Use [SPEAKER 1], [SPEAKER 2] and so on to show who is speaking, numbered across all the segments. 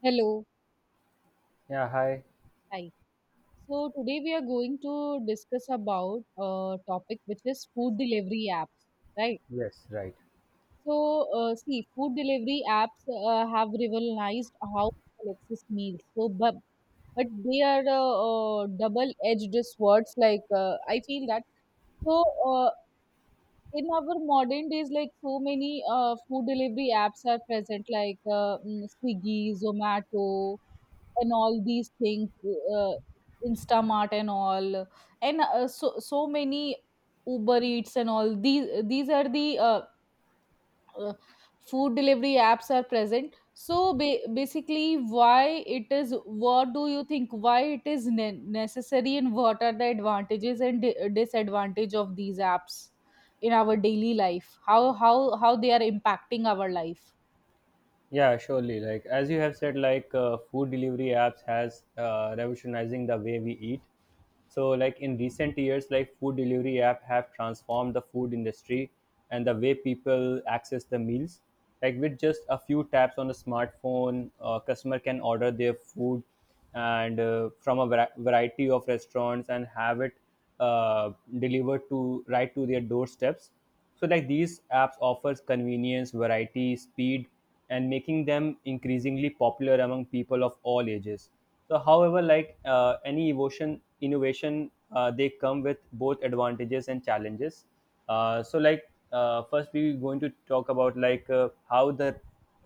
[SPEAKER 1] Hello.
[SPEAKER 2] Yeah, hi.
[SPEAKER 1] Hi. So today we are going to discuss about a topic which is food delivery apps, right?
[SPEAKER 2] Yes, right.
[SPEAKER 1] So see, food delivery apps have revolutionized how people access meals. But they are double-edged swords. Like I feel that. So uh, in our modern days, like so many food delivery apps are present, like Swiggy, Zomato and all these things, uh, Instamart and all, and so many Uber Eats and all, these are the uh, food delivery apps are present. So basically why it is, what do you think, why it is necessary and what are the advantages and disadvantage of these apps in our daily life, how they are impacting our life.
[SPEAKER 2] Yeah, surely. Like as you have said, like food delivery apps has revolutionizing the way we eat. So, like in recent years, like food delivery app have transformed the food industry and the way people access the meals. Like with just a few taps on a smartphone, customer can order their food and from a variety of restaurants and have it uh, delivered to right to their doorsteps. So like these apps offers convenience variety speed and making them increasingly popular among people of all ages. So however, like any evolution innovation they come with both advantages and challenges. So like first we going to talk about like how the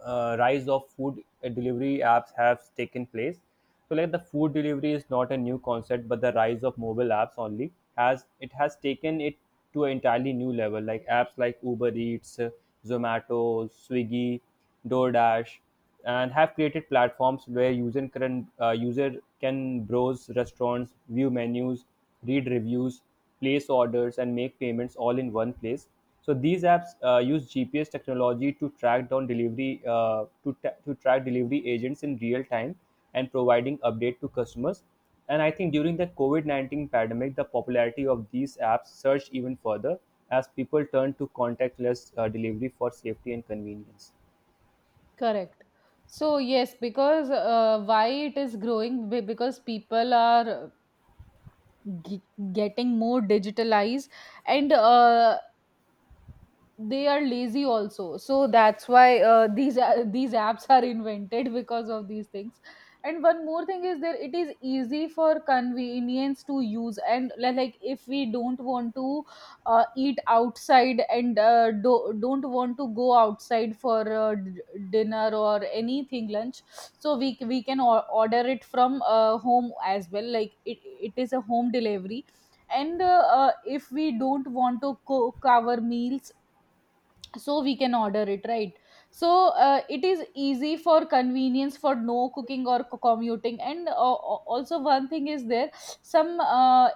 [SPEAKER 2] rise of food delivery apps have taken place. So, like the food delivery is not a new concept, but the rise of mobile apps only has it has taken it to an entirely new level. Like apps like Uber Eats, Zomato, Swiggy, DoorDash and have created platforms where user can browse restaurants, view menus, read reviews, place orders, and make payments all in one place. So these apps use GPS technology to track down delivery to track delivery agents in real time and providing update to customers. And I think during the COVID 19 pandemic, the popularity of these apps surged even further as people turned to contactless delivery for safety and convenience.
[SPEAKER 1] Correct. So yes, because why it is growing? Because people are getting more digitalized, and they are lazy also, so that's why these apps are invented because of these things. And one more thing is there, it is easy for convenience to use, and like if we don't want to eat outside and don't want to go outside for dinner or anything, lunch, so we can order it from home as well. Like it is a home delivery, and if we don't want to cook our meals, so we can order it, right? So it is easy for convenience, for no cooking or commuting. And also one thing is there, some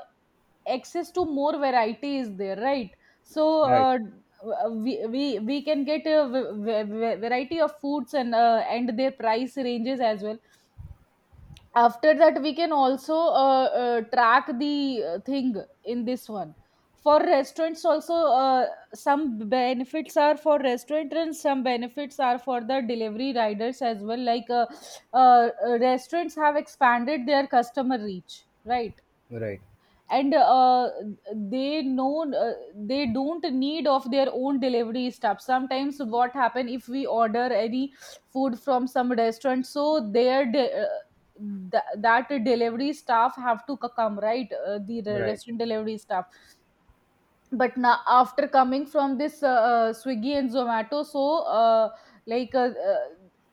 [SPEAKER 1] access to more variety is there, right? So
[SPEAKER 2] Right,
[SPEAKER 1] we can get a variety of foods and their price ranges as well. After that, we can also track the thing in this one. For restaurants also, some benefits are for restaurant and some benefits are for the delivery riders as well, like restaurants have expanded their customer reach, right?
[SPEAKER 2] right,
[SPEAKER 1] And they know, they don't need of their own delivery stuff. Sometimes what happen, if we order any food from some restaurant, so their that delivery staff have to come, right?
[SPEAKER 2] right.
[SPEAKER 1] Restaurant delivery staff, but now after coming from this Swiggy and Zomato, so like uh, uh,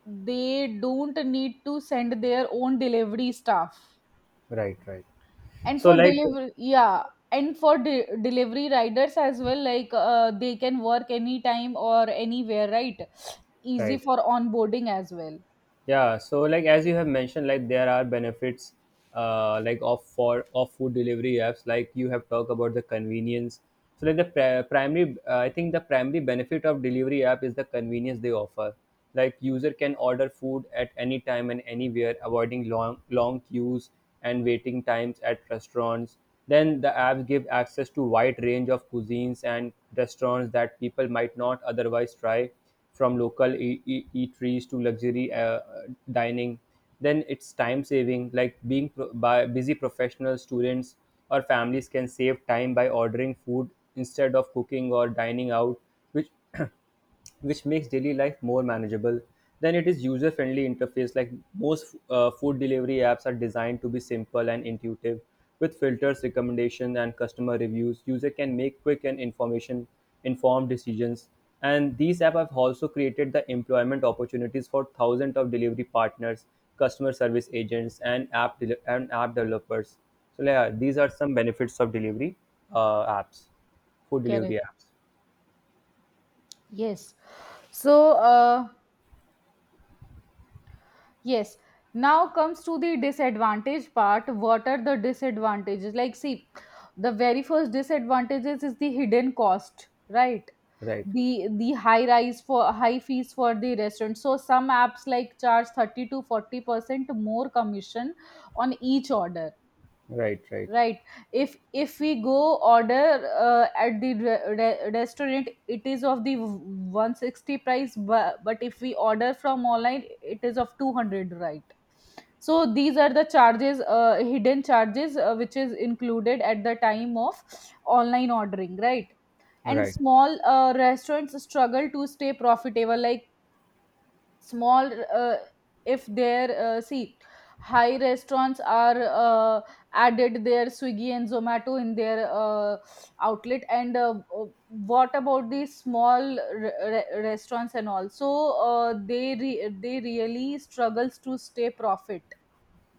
[SPEAKER 1] they don't need to send their own delivery staff.
[SPEAKER 2] Right, right,
[SPEAKER 1] And
[SPEAKER 2] so
[SPEAKER 1] for
[SPEAKER 2] like
[SPEAKER 1] delivery, yeah, and for delivery riders as well, like they can work anytime or anywhere, right? Easy
[SPEAKER 2] right.
[SPEAKER 1] for onboarding as well.
[SPEAKER 2] Yeah, so like as you have mentioned, like there are benefits, like of for of food delivery apps, like you have talked about the convenience. So like the primary I think the primary benefit of delivery app is the convenience they offer. Like user can order food at any time and anywhere, avoiding long queues and waiting times at restaurants. Then the apps give access to wide range of cuisines and restaurants that people might not otherwise try, from local eateries to luxury dining. Then it's time saving, like being by busy professionals, students or families can save time by ordering food instead of cooking or dining out, which makes daily life more manageable. Then it is user-friendly interface. Like most food delivery apps are designed to be simple and intuitive, with filters, recommendations, and customer reviews. User can make quick and information informed decisions. And these apps have also created the employment opportunities for thousands of delivery partners, customer service agents, and app developers. So yeah, these are some benefits of delivery apps, food
[SPEAKER 1] Correct.
[SPEAKER 2] delivery apps.
[SPEAKER 1] Yes. So yes, now comes to the disadvantage part. What are the disadvantages? Like see, the very first disadvantages is the hidden cost, right?
[SPEAKER 2] Right,
[SPEAKER 1] The high rise for high fees for the restaurant. So some apps like charge 30 to 40% more commission on each order,
[SPEAKER 2] right, right,
[SPEAKER 1] right? If we go order at the restaurant, it is of the 160 price, but if we order from online, it is of 200, right? So these are the charges, hidden charges, which is included at the time of online ordering, right? And
[SPEAKER 2] right.
[SPEAKER 1] small restaurants struggle to stay profitable. Like small if there see, high restaurants are added their Swiggy and Zomato in their outlet, and what about the small restaurants? And also they really struggles to stay profit.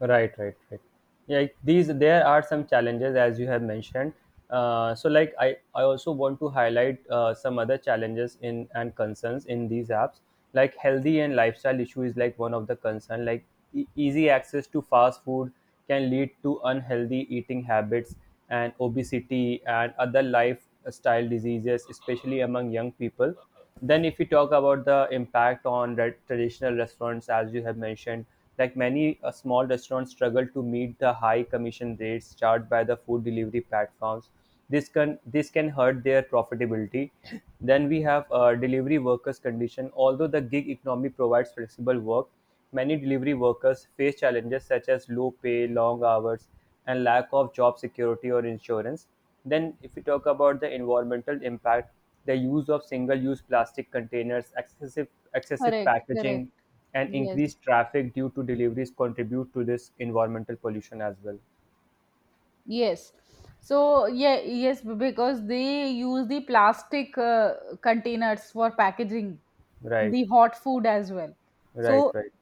[SPEAKER 2] Right, right, right. Yeah, like these there are some challenges as you have mentioned. Like I also want to highlight some other challenges in and concerns in these apps. Like healthy and lifestyle issue is like one of the concern. Like easy access to fast food can lead to unhealthy eating habits and obesity and other lifestyle diseases, especially among young people. Then if we talk about the impact on traditional restaurants, as you have mentioned, like many small restaurants struggle to meet the high commission rates charged by the food delivery platforms. This can hurt their profitability. Then we have delivery workers condition. Although the gig economy provides flexible work, many delivery workers face challenges such as low pay, long hours, and lack of job security or insurance. Then, if we talk about the environmental impact, the use of single-use plastic containers, excessive
[SPEAKER 1] Correct, correct.
[SPEAKER 2] packaging, and
[SPEAKER 1] Yes,
[SPEAKER 2] increased traffic due to deliveries contribute to this environmental pollution as well.
[SPEAKER 1] yes. So yeah, yes, because they use the plastic containers for packaging
[SPEAKER 2] Right,
[SPEAKER 1] the hot food as well,
[SPEAKER 2] right,
[SPEAKER 1] so
[SPEAKER 2] right.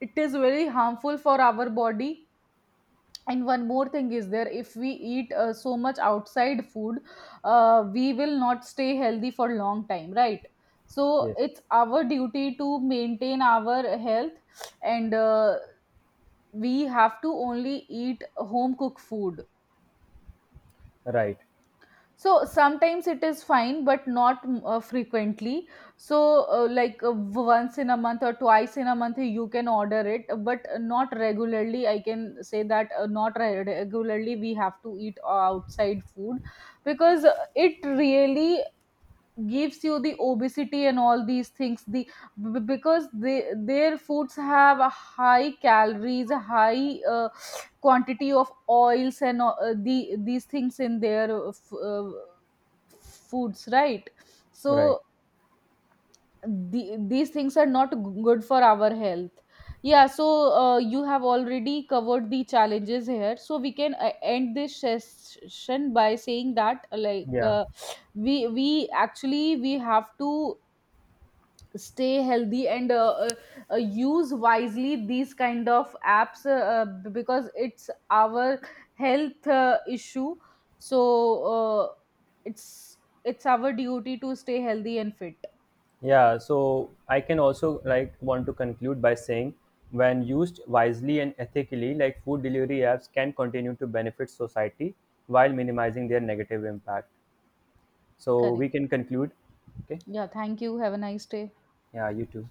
[SPEAKER 1] it is very harmful for our body. And one more thing is there, if we eat so much outside food, we will not stay healthy for long time, right? So
[SPEAKER 2] Yes,
[SPEAKER 1] it's our duty to maintain our health, and we have to only eat home cooked food.
[SPEAKER 2] right,
[SPEAKER 1] So sometimes it is fine, but not frequently. So, once in a month or twice in a month, you can order it, but not regularly. I can say that not re- regularly we have to eat outside food, because it really gives you the obesity and all these things. Because their foods have a high calories, a high quantity of oils, and these things in their foods, right?
[SPEAKER 2] right.
[SPEAKER 1] So these things are not good for our health. Yeah, so you have already covered the challenges here, so we can end this session by saying that, like
[SPEAKER 2] Yeah.
[SPEAKER 1] we actually we have to stay healthy, and use wisely these kind of apps, because it's our health issue. So uh, it's it's our duty to stay healthy and fit.
[SPEAKER 2] Yeah, so I can also like want to conclude by saying, when used wisely and ethically, like food delivery apps can continue to benefit society while minimizing their negative impact. So we
[SPEAKER 1] Correct.
[SPEAKER 2] can conclude. Okay.
[SPEAKER 1] Yeah, thank you. Have a nice day.
[SPEAKER 2] Yeah, you too.